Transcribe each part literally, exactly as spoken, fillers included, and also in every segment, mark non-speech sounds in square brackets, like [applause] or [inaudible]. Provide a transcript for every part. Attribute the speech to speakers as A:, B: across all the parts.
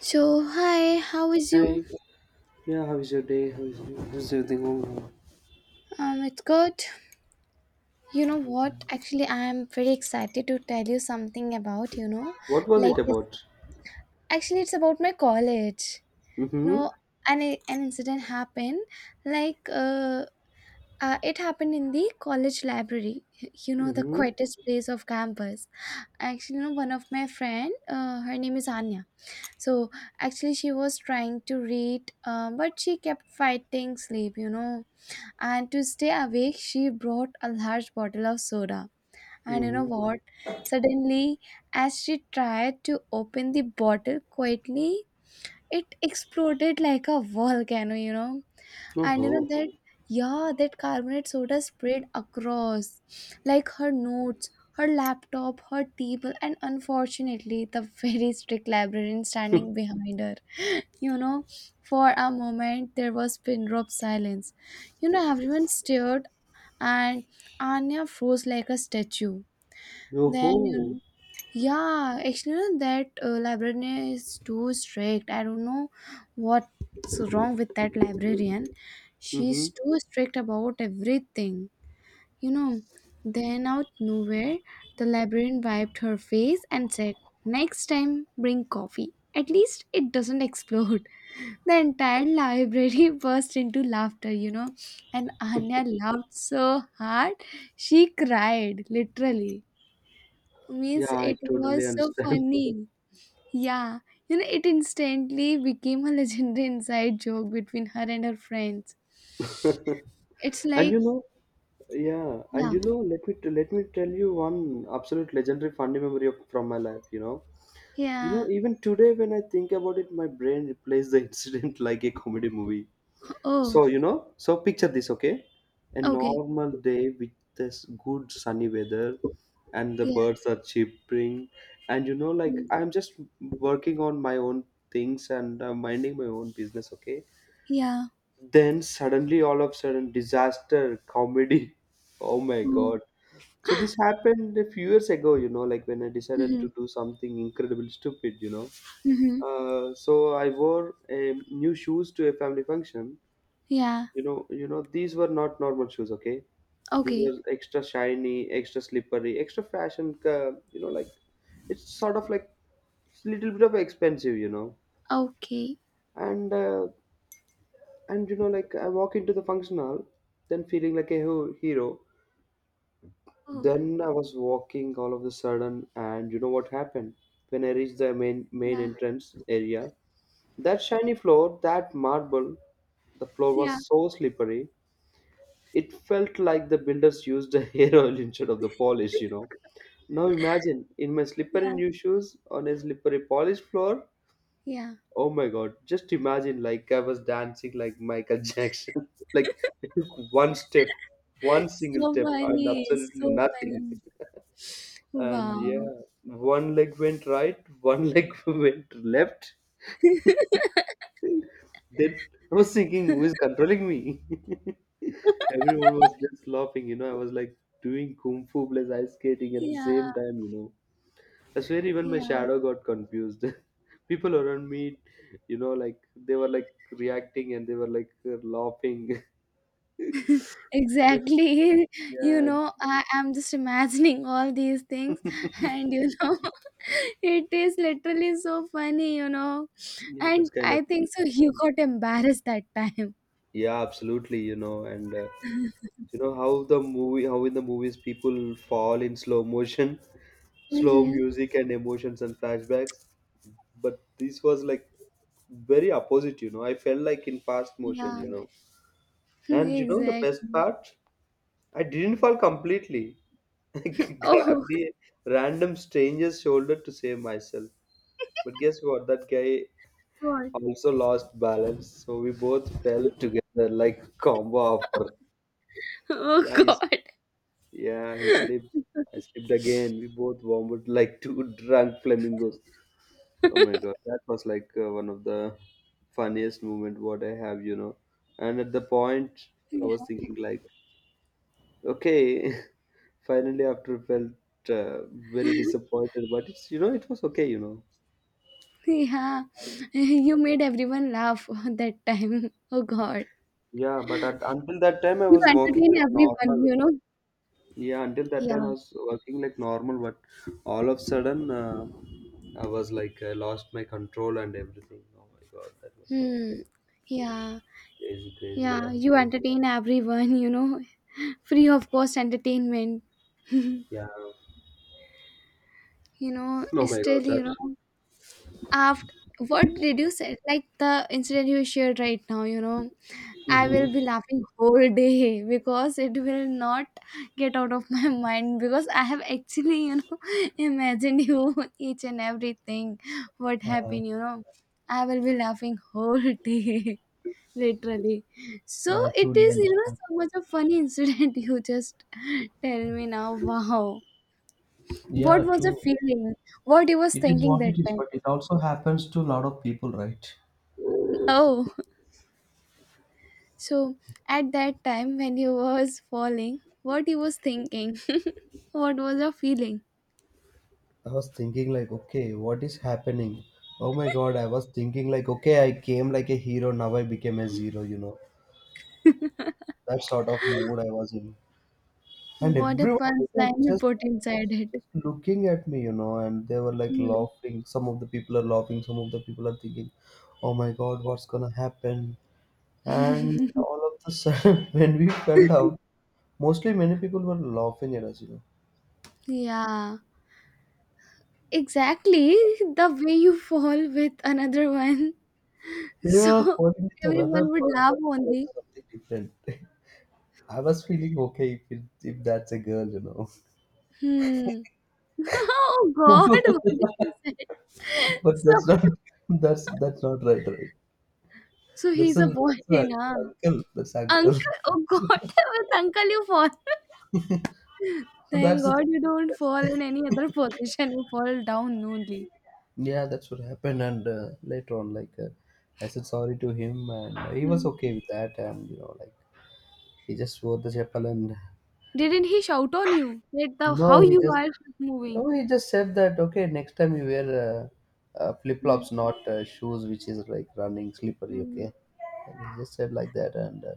A: So, hi, how is you?
B: Hi. Yeah, how is your day? How is, you- how's everything going on?
A: Um, it's good. You know what?
B: Yeah.
A: Actually, I am very excited to tell you something about, you know,
B: What was
A: like
B: it
A: this.
B: about?
A: Actually, it's about my college.
B: Mm-hmm.
A: No, an an incident happened. Like, uh, uh, it happened in the college library. You know, the
B: Mm-hmm.
A: quietest place of campus. Actually, you know, one of my friend, uh, her name is Anya. So, actually, she was trying to read, uh, but she kept fighting sleep. You know, and to stay awake she brought a large bottle of soda. And you know
B: Mm-hmm.
A: what, suddenly, as she tried to open the bottle quietly, it exploded like a volcano, you know. And you know
B: Oh.
A: that, yeah, that carbonate soda spread across like her notes, her laptop, her table, and unfortunately the very strict librarian standing
B: [laughs]
A: behind her. [laughs] You know, for a moment there was pin drop silence, you know. Everyone stared, and Anya froze like a statue. Then you
B: Oh.
A: know, yeah, actually you know, that uh, librarian is too strict. I don't know what's wrong with that librarian.
B: Mm-hmm.
A: She's too strict about everything. You know, then out nowhere, the librarian wiped her face and said, "Next time, bring coffee. At least it doesn't [laughs] explode." The entire library [laughs] burst into laughter, you know, and Anya laughed so hard she cried, literally.
B: Yeah,
A: Means
B: I
A: it
B: totally
A: was so
B: understand.
A: funny. Yeah, you know, it instantly became a [laughs] legendary inside joke between her and her friends. It's
B: [laughs] and
A: like,
B: you know, yeah,
A: yeah,
B: and you know, let me let me tell you one absolute legendary funny memory of, from my life. You know, you know,
A: yeah,
B: even today when I think about it, my brain replays the [laughs] incident like a comedy movie.
A: oh,
B: So, you know, so picture this, okay? A
A: okay,
B: normal day with this good sunny weather and the
A: yeah,
B: birds are chirping, and you know like
A: mm,
B: I'm just working on my own things and uh, minding my own business, okay?
A: yeah,
B: Then suddenly all of a sudden disaster comedy. [laughs] Oh my
A: oh,
B: god. So this happened a few years ago, you know, like when I decided
A: mm-hmm,
B: to do something incredibly stupid, you know.
A: mm-hmm,
B: Uh, so I wore um new shoes to a family function.
A: yeah,
B: you know, you know, these were not normal shoes. Okay, these were
A: okay,
B: extra shiny, extra slippery, extra fashion. Uh, you know, like it's sort of like it's little bit of expensive. You know,
A: okay,
B: and uh, and you know, like I walk into the function hall, then feeling like a hero. hero.
A: oh,
B: Then I was walking all of a sudden, and you know what happened? When I reached the main main
A: yeah,
B: entrance area, that shiny floor, that marble, the floor
A: yeah,
B: was so slippery. It felt like the builders used a [laughs] hair oil instead of the polish, you know. Now imagine in my slipper
A: yeah,
B: and new shoes on a slippery polished floor.
A: yeah.
B: Oh my god, just imagine like I was dancing like Michael [laughs] Jackson. like I took one step, one single
A: So
B: step, and
A: funny,
B: absolutely
A: so
B: nothing. [laughs]
A: funny.
B: And
A: Wow.
B: yeah, one leg went right, one [laughs] leg went left. Then I was thinking, who is controlling me? [laughs] Everyone was just laughing, you know. I was like doing kung fu plus ice skating at the
A: Yeah,
B: same time, you know. I swear, even my
A: yeah,
B: shadow got confused. [laughs] People around me, you know, like they were like reacting and they were like laughing. [laughs] But
A: exactly. [laughs] You
B: yeah,
A: know, I am just imagining all these things, [laughs] and you know, [laughs] it is literally so funny, you know.
B: yeah,
A: And
B: that's kind of.
A: I think so, you got embarrassed that time.
B: Yeah, absolutely, you know, and uh, you know how the movie, how in the movies people fall in slow motion, [laughs] slow
A: Mm-hmm.
B: music and emotions and flashbacks. But this was like very opposite, you know. I felt like in fast motion,
A: Yeah,
B: you know.
A: [laughs]
B: And you know the
A: exactly.
B: best part, I didn't fall completely. [laughs] I
A: Oh,
B: grabbed a random stranger's shoulder to save myself, but guess what, that guy
A: [laughs] God.
B: also lost balance, so we both fell together like combo offer.
A: Oh,
B: yeah he's
A: God.
B: yeah, he slipped, I slipped again, we both vomited like two [laughs] drunk flamingos. Oh my god, that was like uh, one of the funniest moment what I have, you know. And at the point, I was thinking like, okay, [laughs] finally after felt uh, very disappointed, but it's, you know it was okay, you know.
A: Yeah, [laughs] you made everyone laugh [laughs] that time. Oh, God.
B: Yeah, but at, until that time I
A: You
B: was working
A: entertain
B: like
A: everyone,
B: normal.
A: you know.
B: Yeah, until that
A: Yeah.
B: time I was working like normal, but all of sudden uh, I was like I lost my control and everything. Oh my god, that was like
A: Hmm.
B: uh,
A: Yeah.
B: crazy, crazy.
A: Yeah.
B: Yeah,
A: You entertain everyone, you know. [laughs] Free of cost entertainment,
B: yeah.
A: you know.
B: Oh my
A: Still,
B: god,
A: you
B: that.
A: know, after, what did you say? Like the incident you shared right now, you know, I
B: Mm-hmm.
A: will be laughing whole day [laughs] because it will not get out of my [laughs] mind, because I have actually, you know, [laughs] imagined you each and everything what happened, you know. I will be laughing whole [laughs] day. Literally. So
B: I
A: it
B: truly
A: is, you know,
B: understand.
A: so much a funny incident. [laughs] You just tell me now. Wow. What
B: Yeah,
A: was the
B: true.
A: feeling? What you was
B: It is
A: thinking
B: what
A: that
B: it is,
A: time?
B: but it also happens to a lot of people, right?
A: Oh, so at that time when you was falling, what you was thinking? [laughs] What was your feeling?
B: I was thinking like, okay, what is happening? Oh my god, I was thinking like, okay, I came like a hero, now I became a zero, you know. That sort of mood I was in. And
A: What a
B: everyone like
A: punchline you
B: just
A: put inside it.
B: just looking at me, you know, and they were like
A: Hmm.
B: laughing. Some of the people are laughing, some of the people are thinking, oh my god, what's gonna happen? And all of a sudden [laughs] when we fell down, mostly, many people were laughing at us, you know.
A: Yeah, exactly. The way you fall with another one. [laughs]
B: We
A: So
B: were calling it
A: everyone
B: another
A: would laugh
B: person, it's like
A: only.
B: something different. [laughs] I was feeling okay if, it, if that's a girl, you know.
A: Hmm. Oh God, what
B: [laughs]
A: did you say? [laughs]
B: But
A: So,
B: that's not, that's
A: [laughs]
B: that's not right, right?
A: so
B: That's
A: he's a
B: an
A: boy,
B: that's an
A: na?
B: uncle. That's uncle. [laughs]
A: Uncle, oh God, [laughs] with uncle you fall. [laughs]
B: So
A: Thank
B: That's the
A: God you don't
B: that's
A: fall in any other position. You fall down only.
B: Yeah. That's what happened. And uh, later on, like uh, I said sorry to him, and he was
A: Hmm.
B: okay with that. And you know, like he just wore the chapel and.
A: Didn't he shout on you? That the how
B: No, he
A: you
B: just
A: are moving.
B: no, he just said that okay, next time you wear uh, uh, flip
A: Hmm.
B: flops, not uh, shoes, which is like running slippery.
A: Hmm.
B: Okay, and he just said like that. And uh,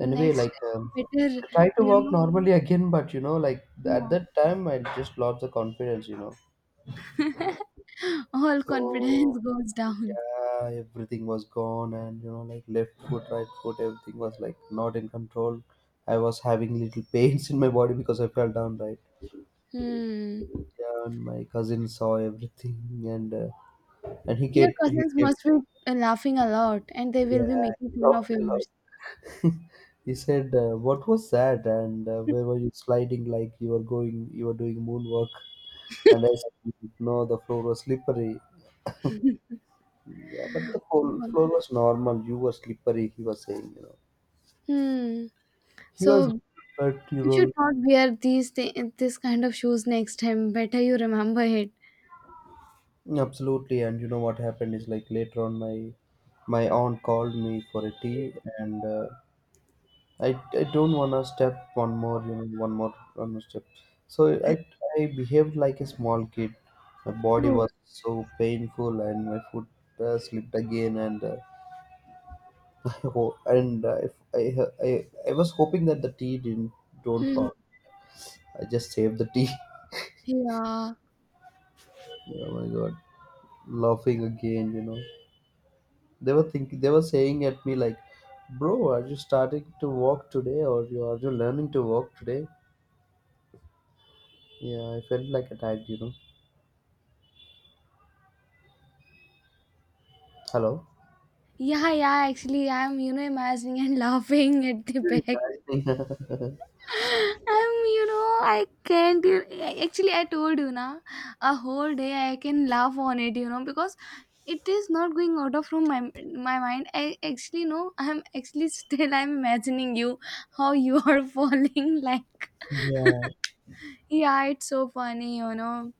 B: anyway,
A: Next
B: like
A: time,
B: um,
A: better,
B: I tried to
A: you
B: walk
A: know.
B: normally again, but you know, like at
A: Yeah.
B: that time, I just lost the confidence. You know,
A: [laughs] All confidence
B: so
A: goes down.
B: yeah, everything was gone, and you know, like left foot, right foot, everything was like not in control. I was having little pains in my body because I fell down, right?
A: Hmm.
B: Yeah, and my cousin saw everything, and uh, and he
A: Your
B: get he
A: cousins
B: kept
A: must be uh, laughing a lot, and they will be
B: yeah,
A: making
B: he
A: fun of
B: laughed a
A: yours.
B: lot. [laughs] He said, uh, "What was that? And uh, where were you sliding? Like you were going, you were doing moonwalk?" And I said, "No, the floor was slippery." Yeah, but the whole
A: Mhm.
B: floor was normal. You were slippery. He was saying, you know,
A: Hmm.
B: he was,
A: So
B: but he
A: you should
B: was
A: not wear these thi- this kind of shoes next time. Better you remember it.
B: absolutely. And you know what happened is like later on, my my aunt called me for a tea and. Uh, I, I don't want to step one more, you know, one more, one more step. So I, I behaved like a small kid. My body
A: Oh.
B: was so painful and my foot uh, slipped again and uh, [laughs] ho- and uh, if I, I I was hoping that the tea didn't don't
A: Hmm.
B: fall. I just saved the tea. [laughs]
A: Yeah.
B: Oh my god, laughing again, you know. They were thinking, they were saying at me like, "Bro, are you starting to walk today, or you are you learning to walk today?" Yeah, I felt like a dad, you know. Hello.
A: Yeah, yeah, actually I'm, you know, imagining and [laughs] laughing at the
B: Very
A: back.
B: bad. [laughs]
A: I'm, you know, I can't. You- actually, I told you na, a whole day I can laugh on it, you know, because it is not going out of from my my mind. I actually know I'm actually [laughs] still I'm imagining you how you are [laughs] falling like.
B: Yeah,
A: Yeah, it's so funny, you know.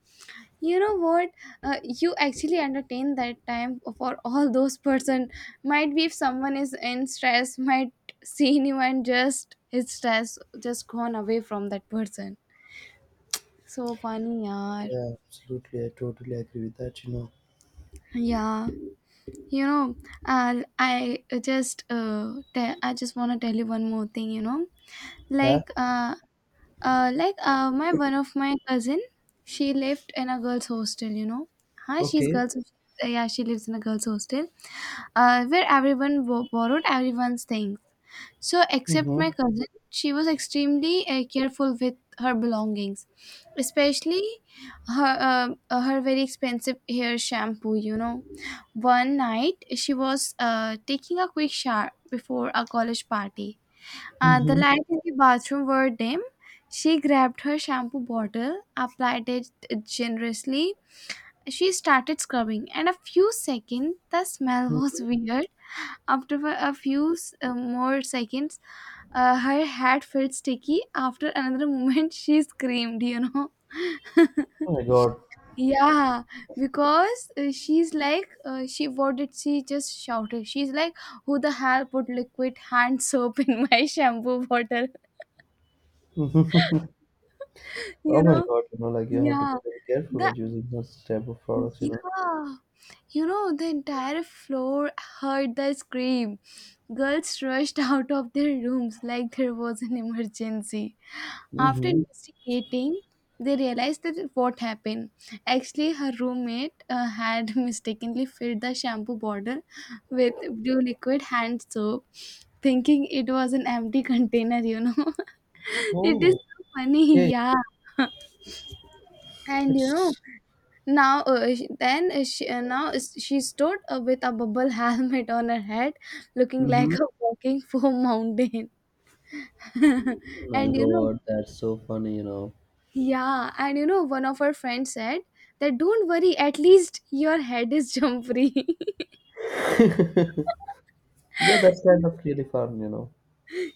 A: You know what? Uh, you actually entertain that time for all those person. Might be if someone is in stress, might seen you and just his stress just gone away from that person. So funny, yaar.
B: yeah, absolutely. I totally agree with that, you know.
A: Yeah, you know, I'll, I just uh, te- I just want to tell you one more thing. You know,
B: Yeah,
A: like uh, uh, like uh, my one of my cousin, she lived in a girls' hostel. You know, huh? She's
B: okay.
A: girls. Uh, yeah, she lives in a girls' hostel, uh, where everyone bo- borrowed everyone's things. So except my
B: Mm-hmm.
A: cousin, she was extremely uh, careful with her belongings, especially her um uh, her very expensive hair shampoo, you know. One night she was uh, taking a quick shower before a college party. Uh, the
B: Mm-hmm.
A: lights in the bathroom were dim. She grabbed her shampoo bottle, applied it generously. She started scrubbing, and a few seconds the smell was
B: Mm-hmm.
A: [laughs] weird. After a few uh, more seconds, uh, her hat felt sticky. After another [laughs] moment she screamed, you know.
B: Oh my God.
A: Yeah, because uh, she's like, uh, she, what did she just shouted? She's like, who the hell put liquid hand [laughs] soap in my shampoo bottle?
B: [laughs]
A: [laughs]
B: Oh
A: You
B: my
A: know?
B: God, you know, like you have to
A: Yeah,
B: be very careful while
A: the
B: using those type of products, you know.
A: yeah, You know, the entire floor heard the scream. Girls rushed [laughs] out of their rooms like there was an emergency. After
B: Mm-hmm.
A: investigating, they realized that what happened. Actually, her roommate uh, had [laughs] mistakenly filled the shampoo bottle with blue liquid hand soap, thinking it was an empty [laughs] container, you know. [laughs] It is
B: Oh,
A: so funny,
B: okay.
A: yeah. And you know,
B: It's
A: now, uh, sh- then uh, she, uh, now is- she stood uh, with a bubble [laughs] helmet on her head, looking like
B: mm-hmm.
A: a walking foam mountain.
B: Oh
A: [laughs]
B: My
A: And you know,
B: God, that's so funny, you know.
A: yeah, and you know, one of her friends said that don't worry, at least your head is jump free.
B: [laughs] Yeah, that's kind of really fun, you know.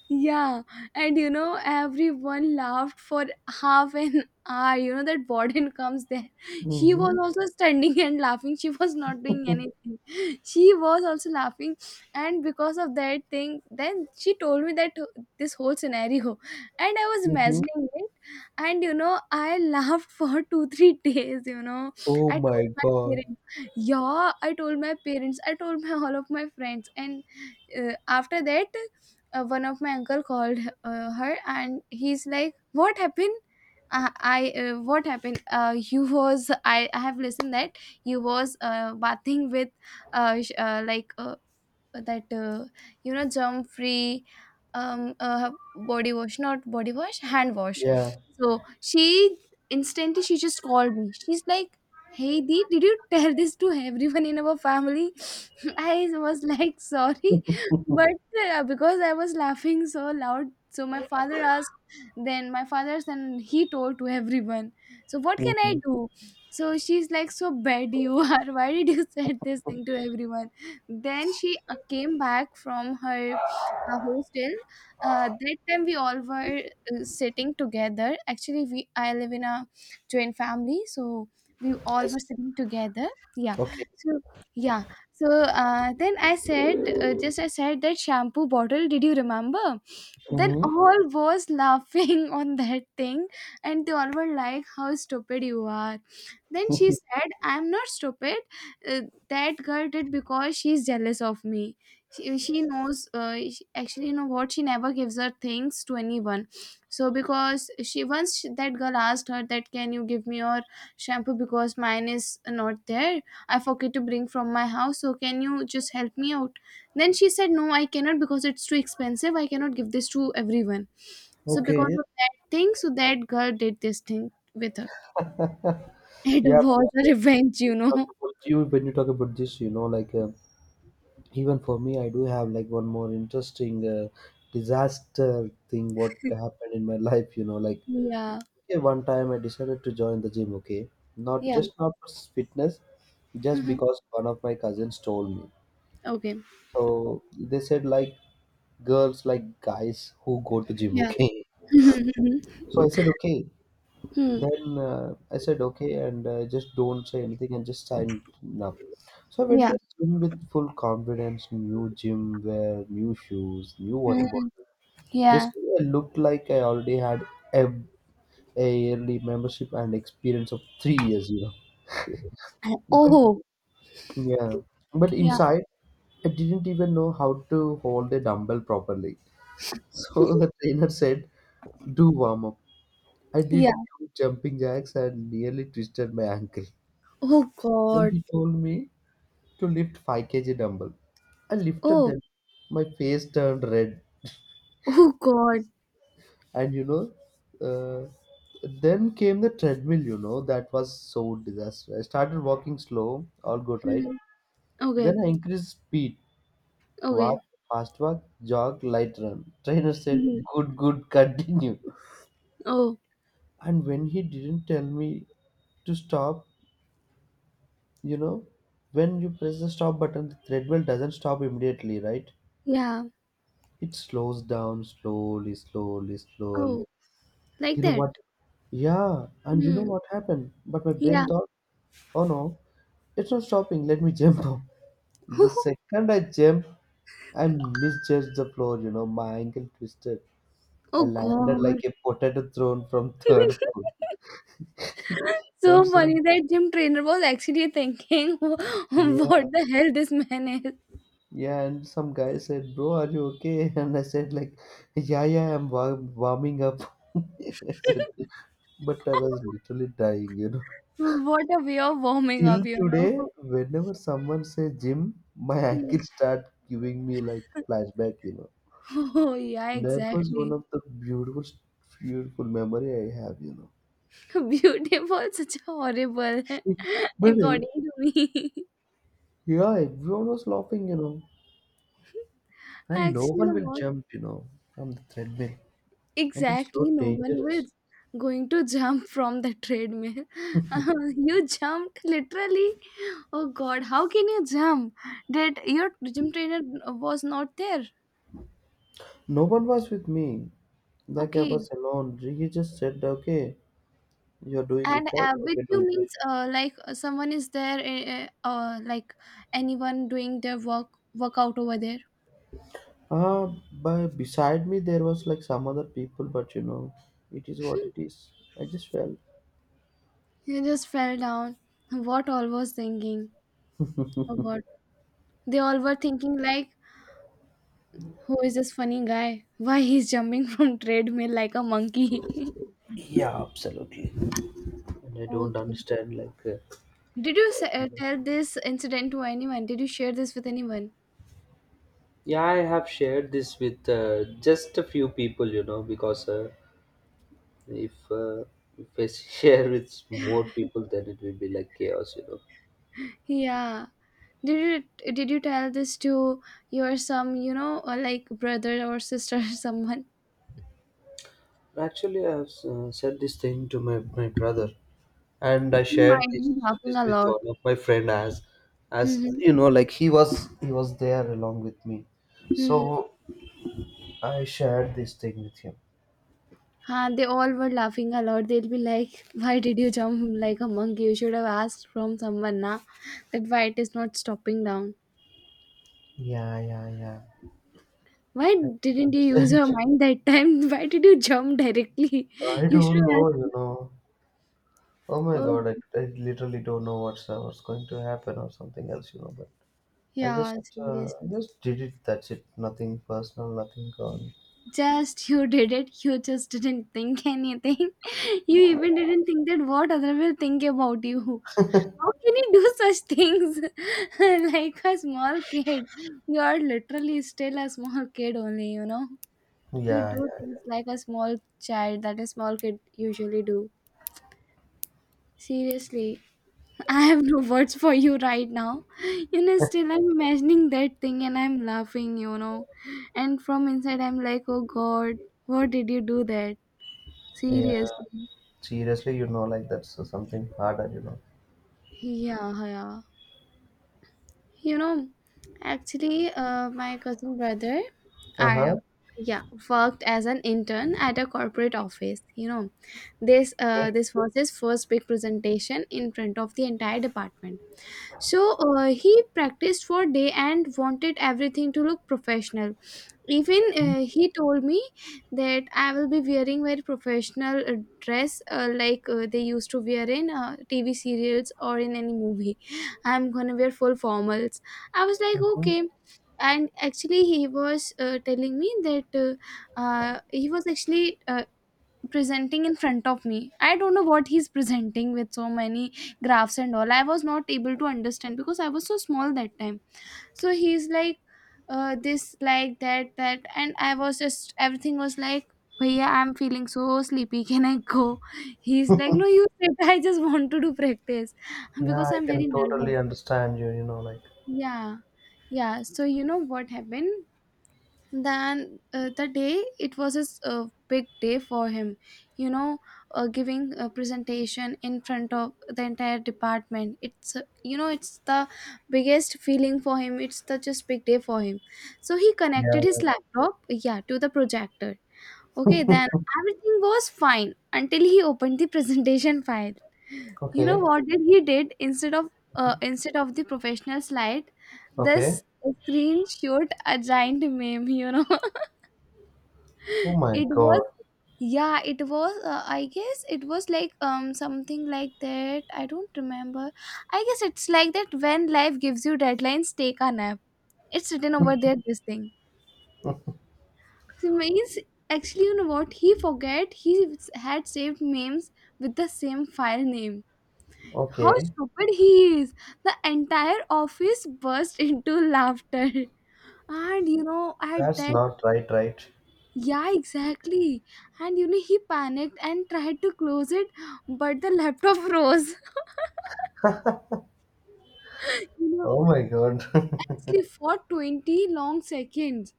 A: Yeah, and you know, everyone laughed for half an [laughs] hour. You know, that warden comes there. She was
B: Mm-hmm.
A: also standing [laughs] and laughing. She was not doing anything. She was also laughing. And because of that thing, then she told me that uh, this whole scenario. And I was
B: Mm-hmm.
A: imagining it. And you know, I [laughs] laughed for two, three days. You know,
B: Oh
A: I told
B: my
A: my
B: God.
A: parents. Yeah, I told my parents. I told my [laughs] all of my friends. And uh, after that, uh, one of my uncle called uh, her and he's like what happened, uh, I uh, what happened, uh, [laughs] you was, I, I have listened that you was uh, bathing with uh, sh- uh, like uh, that uh, you know, germ free um uh, body wash, not body wash, hand wash.
B: Yeah.
A: So she instantly, she just called me, she's like, hey Dee, did you tell this to everyone in our family? [laughs] I was like, sorry,
B: [laughs]
A: but uh, because I was laughing so loud, so my father asked, then my father then he told to everyone, so what can I
B: Mm-hmm.
A: do? So she's like, so bad you are, [laughs] why did you said this thing to everyone? Then she uh, came back from her uh, hostel. Uh, that time we all were uh, sitting together. Actually, we I live in a joint family, so we all
B: Yes.
A: were sitting together. Yeah.
B: Okay.
A: So yeah. So uh, then I said, uh, just I said that shampoo bottle. Did you remember? Then
B: Hmm.
A: all was laughing [laughs] on that thing, and they all were like, "How stupid you are!" Then she said, "I'm not stupid." uh, that girl did because she's jealous of me. She, she knows, uh, she, actually you know what, she never gives her things to anyone. So because she once, she, that girl asked her that can you give me your shampoo because mine is not there, I forget to bring from my house, so can you just help me out. Then she said no I cannot because it's too expensive, I cannot give this to everyone. So because
B: Okay.
A: of that thing, so that girl did this thing with her.
B: [laughs]
A: [laughs] It
B: Yeah, but,
A: was a
B: uh,
A: revenge, you
B: when you talk
A: know.
B: about you when you talk about this, you know, like uh, even for me, I do have like one more interesting uh, disaster thing what happened in my [laughs] life. You know, like
A: Yeah,
B: okay, one time I decided to join the gym. Okay, not
A: yeah.
B: just not for fitness, just because one of my cousins told me.
A: Okay.
B: So they said like girls like guys who go to gym.
A: Yeah.
B: Okay, [laughs] so I said okay.
A: Hmm.
B: Then uh, I said okay, and uh, just don't say anything and just sign up. So I went to
A: Yeah.
B: the gym with full confidence, new gym wear, new shoes, new water
A: Hmm.
B: bottle.
A: Yeah.
B: Basically, I looked like I already had a, a yearly membership and experience of three years, you know.
A: And
B: But
A: oh.
B: yeah, but
A: Yeah.
B: inside I didn't even know how to hold a dumbbell properly. [laughs] So the trainer said, "Do warm up." I did
A: Yeah.
B: two jumping jacks and nearly twisted my ankle.
A: Oh
B: Then
A: God.
B: he told me to lift five kilogram dumbbell. I lifted
A: Oh.
B: them. My face turned red.
A: Oh God.
B: And you know, uh, then came the treadmill, you know, that was so disaster. I started walking slow, all good, right?
A: Hmm.
B: Then
A: Okay.
B: I increased speed. Walk,
A: Okay.
B: fast walk, jog, light run. Trainer said,
A: Hmm.
B: good, good, [laughs] continue.
A: Oh.
B: And when he didn't tell me to stop, you know, when you press the stop button, the treadmill doesn't stop immediately, right?
A: Yeah.
B: It slows down slowly, slowly, slowly.
A: Oh. Like
B: You know
A: that.
B: what? Yeah, and you know
A: Hmm.
B: what happened? But my
A: Yeah.
B: brain thought, oh no, it's not stopping. Let me [laughs] jump up. The
A: [laughs]
B: second I jump, I misjudged the floor, you know, my ankle twisted. I
A: Oh
B: landed like
A: God.
B: a potato thrown from [laughs] third floor.
A: [laughs]
B: And
A: So
B: some
A: funny, that gym trainer was actually thinking, [laughs] what
B: Yeah,
A: the hell this man is.
B: yeah, and some guy said, "Bro, are you okay?" [laughs] And I said like, "Yeah, yeah, I'm wa- warming up." [laughs] I said, but I was
A: [laughs]
B: literally dying, you know.
A: What a way of warming up,
B: Till
A: you
B: today,
A: know.
B: whenever someone say gym, my ankles start giving me like flashback, you know.
A: [laughs] Oh yeah,
B: That was one
A: exactly.
B: of the beautiful, beautiful memory I have, you know.
A: [laughs] Beautiful, such a horrible, [laughs]
B: But uh,
A: according to me. [laughs]
B: yeah, everyone was laughing, you know, and no
A: Actually, you
B: one
A: know
B: will
A: what?
B: jump, you know, from the treadmill, and it's
A: Exactly,
B: so
A: no one will
B: dangerous.
A: going to jump from the treadmill. [laughs] You jumped literally. Oh God, how can you jump? Did your gym trainer was not there?
B: No one was with me, like I
A: Okay.
B: was alone. He just said, "Okay, you're doing
A: And
B: it right.
A: uh, with
B: Okay, do
A: you
B: it."
A: means uh, like uh, someone is there, uh, uh, uh, like anyone doing their work workout over there.
B: Uh, by beside me there was like some other people, but you know, it is what it is. I just fell.
A: You just fell down. What all was thinking about? They all were thinking like, who is this funny guy? Why he's jumping [laughs] from treadmill like a monkey?
B: Yeah, absolutely.
A: [laughs]
B: And I don't
A: Okay.
B: understand like. Uh,
A: Did you s- uh, tell this incident to anyone? Did you share this with anyone?
B: Yeah, I have shared this with uh, just a few people, you know, because uh, if uh, if I [laughs] share with more
A: [laughs]
B: people, then it will be like chaos, you know.
A: Yeah. Did you did you tell this to your some you know or like brother or sister or [laughs] someone?
B: Actually, I have uh, said this thing to my my brother. And I
A: He
B: shared
A: might
B: this,
A: be laughing
B: this
A: a
B: with
A: lot.
B: one of my friend as as
A: Mm-hmm.
B: you know like he was he was there along with me, so
A: Mm-hmm.
B: I shared this thing with him.
A: Huh, they all were laughing a lot. They'll be like, "Why did you jump [laughs] like a monkey? You should have asked from someone, na? That why it is not stopping down."
B: Yeah, yeah, yeah,
A: Why
B: I don't
A: didn't you use
B: understand.
A: your mind that time? [laughs] Why did you jump directly?
B: [laughs] I
A: [laughs] You should
B: don't
A: have
B: know, you
A: asked.
B: know. Oh my
A: Oh,
B: god, I, I literally don't know what's uh, what's going to happen or something else, you know, but I
A: yeah,
B: just uh, I
A: seriously.
B: just did it, that's it, nothing personal, nothing gone.
A: Just you did it. You just didn't think anything. [laughs] You even didn't think that what other will think about you. How can you do such things? [laughs] like a small kid. You are literally still a small kid only, you know? You
B: Yeah,
A: do things
B: yeah,
A: like a small child that a small kid usually do. Seriously. I have no words for you right now. You know, still I'm imagining that thing and I'm laughing, you know. And from inside, I'm like, oh god, what did you do that?
B: yeah, yeah,
A: Seriously.
B: seriously, you know, like that's uh, something harder, you know.
A: Yeah, yeah. You know, actually, uh, my cousin brother,
B: Uh-huh.
A: Arab, yeah, worked as an intern at a corporate office. You know, this uh,
B: Okay.
A: this was his first big presentation in front of the entire department. So uh, he practiced for a day and wanted everything to look professional. Even uh, he told me that I will be wearing very professional uh, dress uh, like uh, they used to wear in uh, T V serials or in any movie. I'm gonna wear full formals. I was like,
B: Mhm.
A: okay. And actually, he was uh, telling me that uh, uh, he was actually uh, presenting in front of me. I don't know what he's presenting with so many graphs and all. I was not able to understand because I was so small that time. So he's like, uh, this like that that and I was just everything was like, Bhaiya, I'm feeling so sleepy. Can I go? He's like, No, you sit. [laughs] I just want to do practice [laughs]
B: Yeah,
A: because
B: I
A: I'm
B: can
A: very nervous.
B: totally understand you, you know, like,
A: Yeah. Yeah. So, you know what happened? Then uh, the day it was his uh, big day for him, you know, uh, giving a presentation in front of the entire department. It's uh, you know it's the biggest feeling for him. It's the just big day for him. So he connected
B: yeah,
A: his laptop, yeah, to the projector. Okay, then everything was fine until he opened the [laughs] presentation file. You know
B: okay,
A: what did he did, instead of uh, instead of the professional slide, this
B: okay.
A: screen showed a giant meme. You know,
B: Oh
A: [laughs]
B: my
A: it was,
B: God.
A: yeah, it was. Uh, I guess it was like um something like that. I don't remember. I guess it's like that, when life gives you deadlines, take a nap. It's written over there. This thing. So means actually, you know what? He forget he had saved memes with the same file name. How
B: Okay.
A: stupid he is! The entire office burst [laughs] into laughter. And you know, at
B: That's
A: that,
B: not right, right?
A: yeah, exactly. And you know, he panicked and tried to close it, but the laptop froze. [laughs] you know,
B: Oh my God.
A: actually
B: [laughs]
A: for twenty long seconds,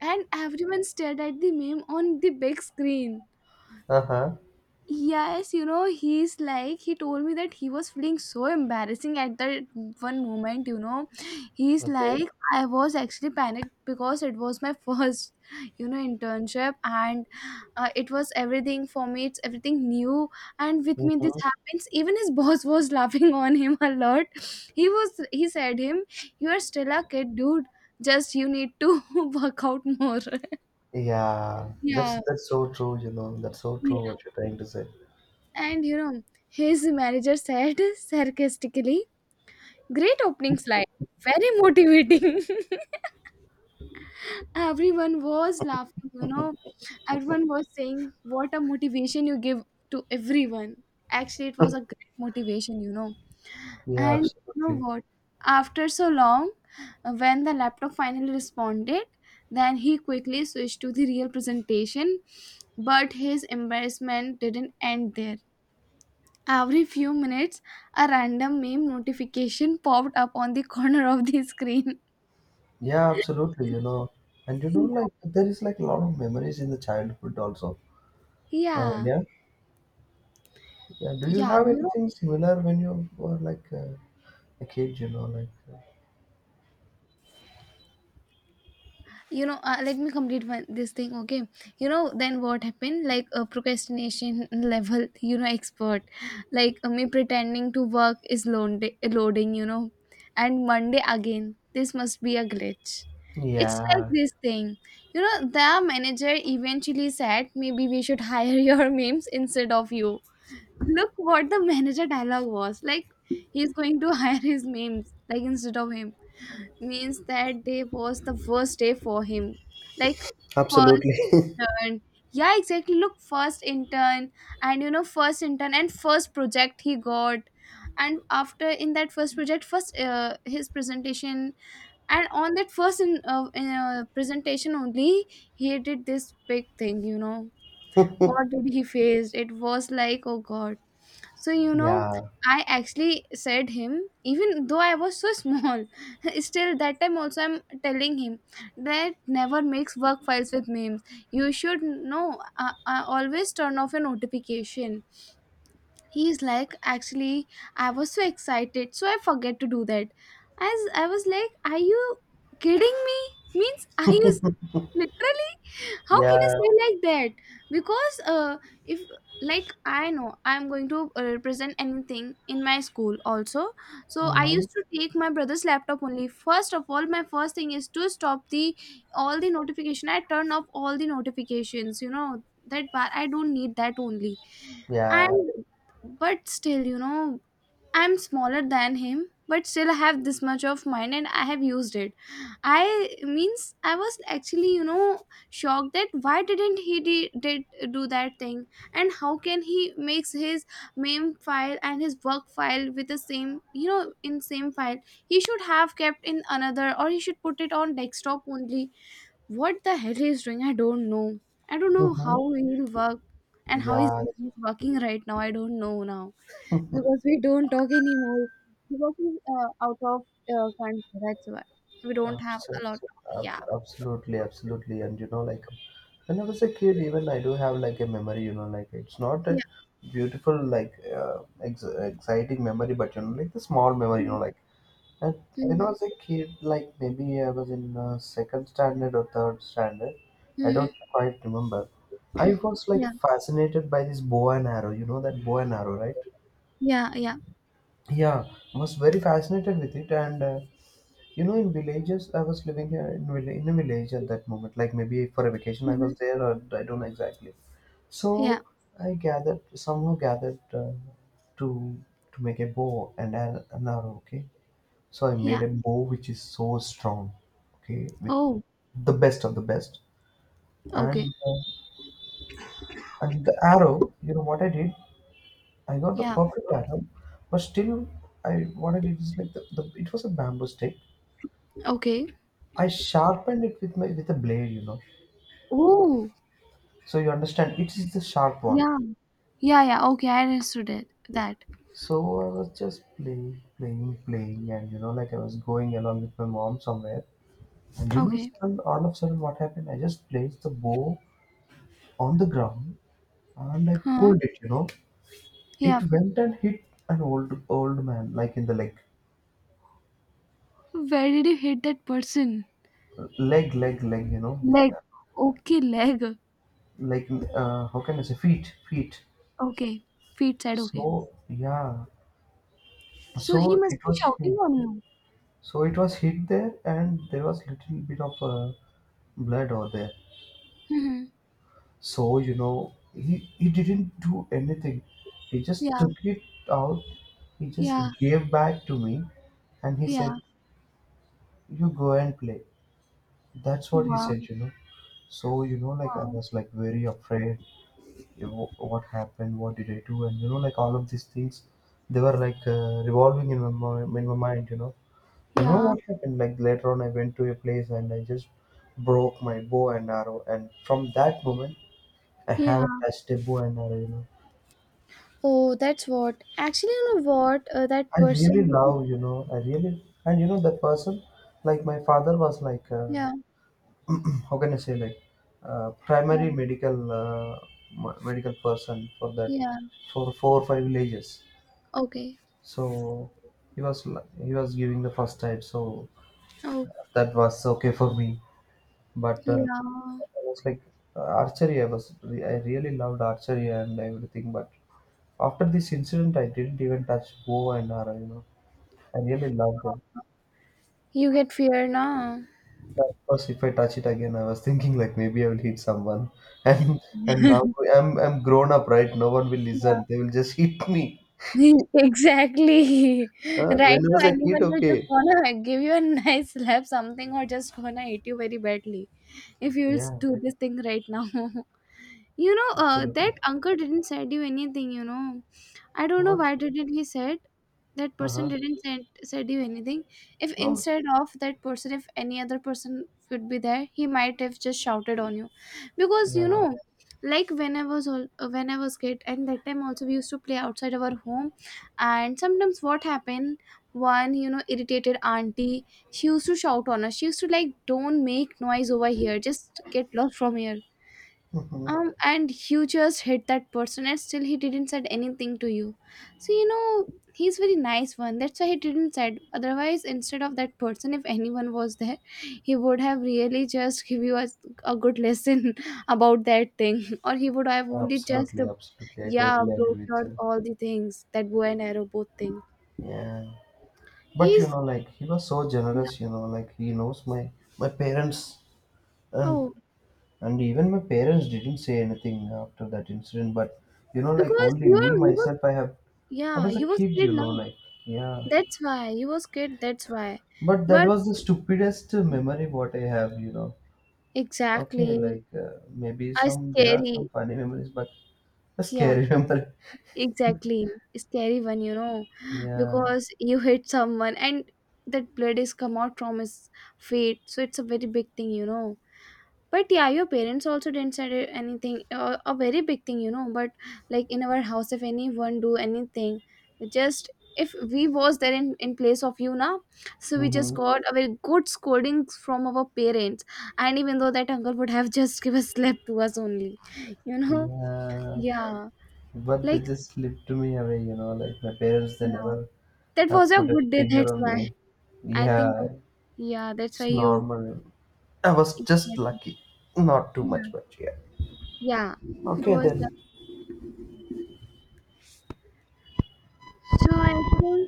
A: and everyone stared at the meme on the big screen.
B: Uh-huh.
A: Yes, you know, he's like, he told me that he was feeling so embarrassing at that one moment, you know. He's like,
B: Okay.
A: I was actually panicked because it was my [laughs] first, you know, internship and uh, it was everything for me, it's everything new. And with me, this
B: Mm-hmm.
A: happens. Even his [laughs] boss was laughing on him a lot. He was, he said him, You are still a kid, dude. Just you need to [laughs] work out more. [laughs]
B: Yeah, that's
A: Yeah.
B: that's so true, you know. That's so true what you're trying to say.
A: And you know, his manager said sarcastically, Great opening slide, very motivating. [laughs] everyone was laughing, you know, everyone was saying, What a motivation you give to everyone. Actually, it was a great motivation, you know.
B: Yeah,
A: And you know
B: absolutely.
A: what? After so long, uh, when the laptop finally responded, then he quickly switched to the real presentation, but his embarrassment didn't end there. Every few minutes, a random meme notification popped up on the corner of the screen.
B: Yeah, absolutely, you know. And you know,
A: Yeah,
B: like there is like a lot of memories in the childhood also. Uh,
A: yeah,
B: yeah. Yeah. Do you
A: yeah,
B: have
A: you know,
B: anything similar when you were like uh, a kid, you know, like uh,
A: you know. Uh, let me complete one, this thing, okay? You know, then what happened? Like a procrastination level, you know, expert. Like uh, me pretending to work is load- loading, you know, and Monday again. This must be a glitch. It's like
B: yeah,
A: this thing, you know. The manager eventually said, "Maybe we should hire [laughs] your memes instead of you." Look what the manager dialogue was. Like he's going to [laughs] hire his memes, like instead of him. Means that day was the worst day for him. Like first
B: absolutely. [laughs]
A: intern. Yeah, exactly. Look, first intern and you know, first intern and first project he got. And after in that first project, first uh, his presentation and on that first in, uh, in, uh, presentation only he did this big thing, you know. What did he face? It was like, oh god. So, you know,
B: Yeah,
A: I actually said him, even though I was so small, [laughs] still that time also I'm telling him that never mix work files with memes. You should know, uh, uh, always turn off your notification. He's like, actually, I was so excited, so I forget to do that. As I was like, are you kidding me? Means, [laughs] are you literally, how can you
B: yeah,
A: say like that? Because uh if like I know I'm going to uh, represent anything in my school also, so I
B: mm-hmm,
A: used to take my brother's laptop only. First of all my first thing is to stop the all the notification, I turn off all the notifications, you know, that bar I don't need that only.
B: yeah,
A: And but still you know, I'm smaller than him, but still I have this much of mind and I have used it. I means I was actually, you know, shocked that why didn't he de- did do that thing and how can he makes his main file and his work file with the same, you know, in same file. He should have kept in another or he should put it on desktop only. What the hell he's doing? I don't know. I don't know
B: mm-hmm,
A: how he'll work and how he's
B: yeah,
A: brain working right now. I don't know now, because we don't talk anymore because he's uh, out of uh, country, that's why we don't have
B: abso-
A: a lot of. Yeah,
B: ab- absolutely, absolutely. And you know, like when I was a kid, even I do have like a memory, you know, like it's not a
A: yeah,
B: beautiful, like, uh, ex- exciting memory, but you know, like the small memory, you know, like. And when I
A: hmm,
B: was a kid, like maybe I was in uh, second standard or third standard, I
A: hmm,
B: don't quite remember. I was like
A: yeah,
B: fascinated by this bow and arrow. You know that bow and arrow, right?
A: yeah, yeah,
B: Yeah, I was very fascinated with it, and uh, you know, in villages, I was living here in, vill- in a village at that moment. Like maybe for a vacation, I
A: hmm,
B: was there, or I don't know exactly.
A: yeah,
B: So I gathered, somehow gathered uh, to to make a bow and an an arrow. Okay, so I made
A: yeah,
B: a bow which is so strong, okay, with
A: oh,
B: the best of the best. And
A: okay,
B: uh, and the arrow, you know what I did? I got the
A: yeah,
B: perfect arrow, but still, I what I did is like the, the it was a bamboo stick.
A: okay,
B: I sharpened it with my with a blade, you know.
A: oh,
B: So you understand, it is the sharp one.
A: yeah, yeah, yeah, okay, I understood it that.
B: So I was just playing, playing, playing, and you know, like I was going along with my mom somewhere. And you know,
A: Okay,
B: sudden, all of a sudden, what happened? I just placed the bow on the ground and I
A: huh,
B: pulled it, you know.
A: yeah,
B: It went and hit an old old man, like in the leg,
A: where did you hit that person,
B: leg, leg, leg, you know, like,
A: leg?
B: uh,
A: Okay, leg,
B: like uh, how can I say, feet, feet.
A: okay, feet side, okay,
B: So yeah,
A: so he
B: so
A: must
B: it
A: be
B: was
A: shouting
B: hit.
A: on you.
B: So it was hit there, and there was little bit of uh, blood over there.
A: Hmm,
B: So you know, he he didn't do anything. He just
A: yeah,
B: took it out. He just
A: yeah,
B: gave back to me, and he
A: yeah,
B: said, "You go and play." That's what he
A: wow.
B: said, you know. So, you know, like I
A: Wow.
B: was like very afraid. You know, what happened? What did I do? And you know, like all of these things, they were like uh, revolving in my mi- in my mind. You know, you know
A: Yeah,
B: what happened? Like later on, I went to a place and I just broke my bow and arrow. And from that moment, I
A: yeah.
B: haven't touched a bow and arrow. You know,
A: Oh, that's what. Actually, you know what? Uh, that
B: I really
A: person.
B: love. You know, I really and you know that person, like my father was like. Uh,
A: Yeah,
B: how can I say like uh,
A: yeah,
B: primary medical uh, m- medical person for that
A: yeah.
B: for four or five villages.
A: Okay.
B: So he was l- he was giving the first time, so
A: Oh,
B: that was okay for me. But uh,
A: yeah.
B: I was like uh, archery. I was re- I really loved archery and everything. But after this incident, I didn't even touch bow and arrow. You know, I really loved them.
A: You get fear now.
B: Because if I touch it again, I was thinking like maybe I will hit someone, [laughs] and and now I'm I'm grown up, right? No one will listen.
A: Yeah.
B: They will just hit me.
A: [laughs] exactly.
B: Uh, when
A: Right
B: I
A: now,
B: was a kid,
A: anyone will just
B: okay.
A: wanna give you a nice slap, something, or just wanna hit you very badly if you will
B: Yeah,
A: do this thing right now. [laughs] You know, uh, that
B: absolutely.
A: uncle didn't send you anything, you know. I don't know
B: What?
A: why didn't he said, that
B: Uh
A: person
B: huh.
A: didn't send said you anything. If
B: No.
A: instead of that person, if any other person would be there, he might have just shouted on you, because you
B: Yeah.
A: know, like when I was all, uh, when I was kid, and that time also we used to play outside our home, and sometimes what happened, one you know irritated auntie, she used to shout on us. She used to like, "Don't make noise over here. Just get lost from here."
B: Mhm.
A: Um, and you just hit that person and still he didn't said anything to you, so you know he's very nice one, that's why he didn't said. Otherwise, instead of that person, if anyone was there, he would have really just give you a, a good lesson [laughs] about that thing, [laughs] or he would have only just uh,
B: Absolutely, absolutely. I
A: yeah
B: totally
A: broke
B: agree with
A: your
B: you.
A: all the things, that bow and arrow both thing.
B: Yeah. But you
A: He's,
B: know, like he was so
A: yeah,
B: generous. You know, like he knows my my parents, and
A: oh,
B: and even my parents didn't say anything after that incident. But you know, like
A: because
B: only me
A: you're you was
B: myself, I have I
A: yeah,
B: was a
A: you was
B: kid,
A: scared
B: you know,
A: now,
B: like, yeah.
A: that's why you was scared, that's why,
B: But that
A: but
B: was the stupidest memory what I have, you know. Okay,
A: exactly.
B: like uh, maybe
A: A
B: some there are
A: scary,
B: some funny memories, but a
A: yeah,
B: scary [laughs] memory.
A: exactly. Scary one, you know,
B: Yeah.
A: because you hit someone and that blood is come out from his feet. So it's a very big thing, you know. But yeah, your parents also didn't say anything, uh, a very big thing, you know. But like in our house, if anyone do anything, we just, if we was there in, in place of you now, so we just
B: Mm-hmm.
A: got a very good scolding from our parents. And even though that uncle would have [laughs] just give a slap to us only, you know.
B: Yeah.
A: Yeah.
B: But they
A: Like,
B: just slipped me away, you know. Like my parents, they
A: yeah,
B: never
A: that was
B: have
A: a
B: put a
A: good day.
B: finger
A: That's
B: on
A: why
B: me.
A: I think that,
B: Yeah,
A: yeah, that's why
B: it's
A: you,
B: normal. I was just
A: exactly.
B: lucky, not too
A: Yeah,
B: much, but yeah.
A: yeah, it
B: Okay
A: was. Yeah.
B: then.
A: So I think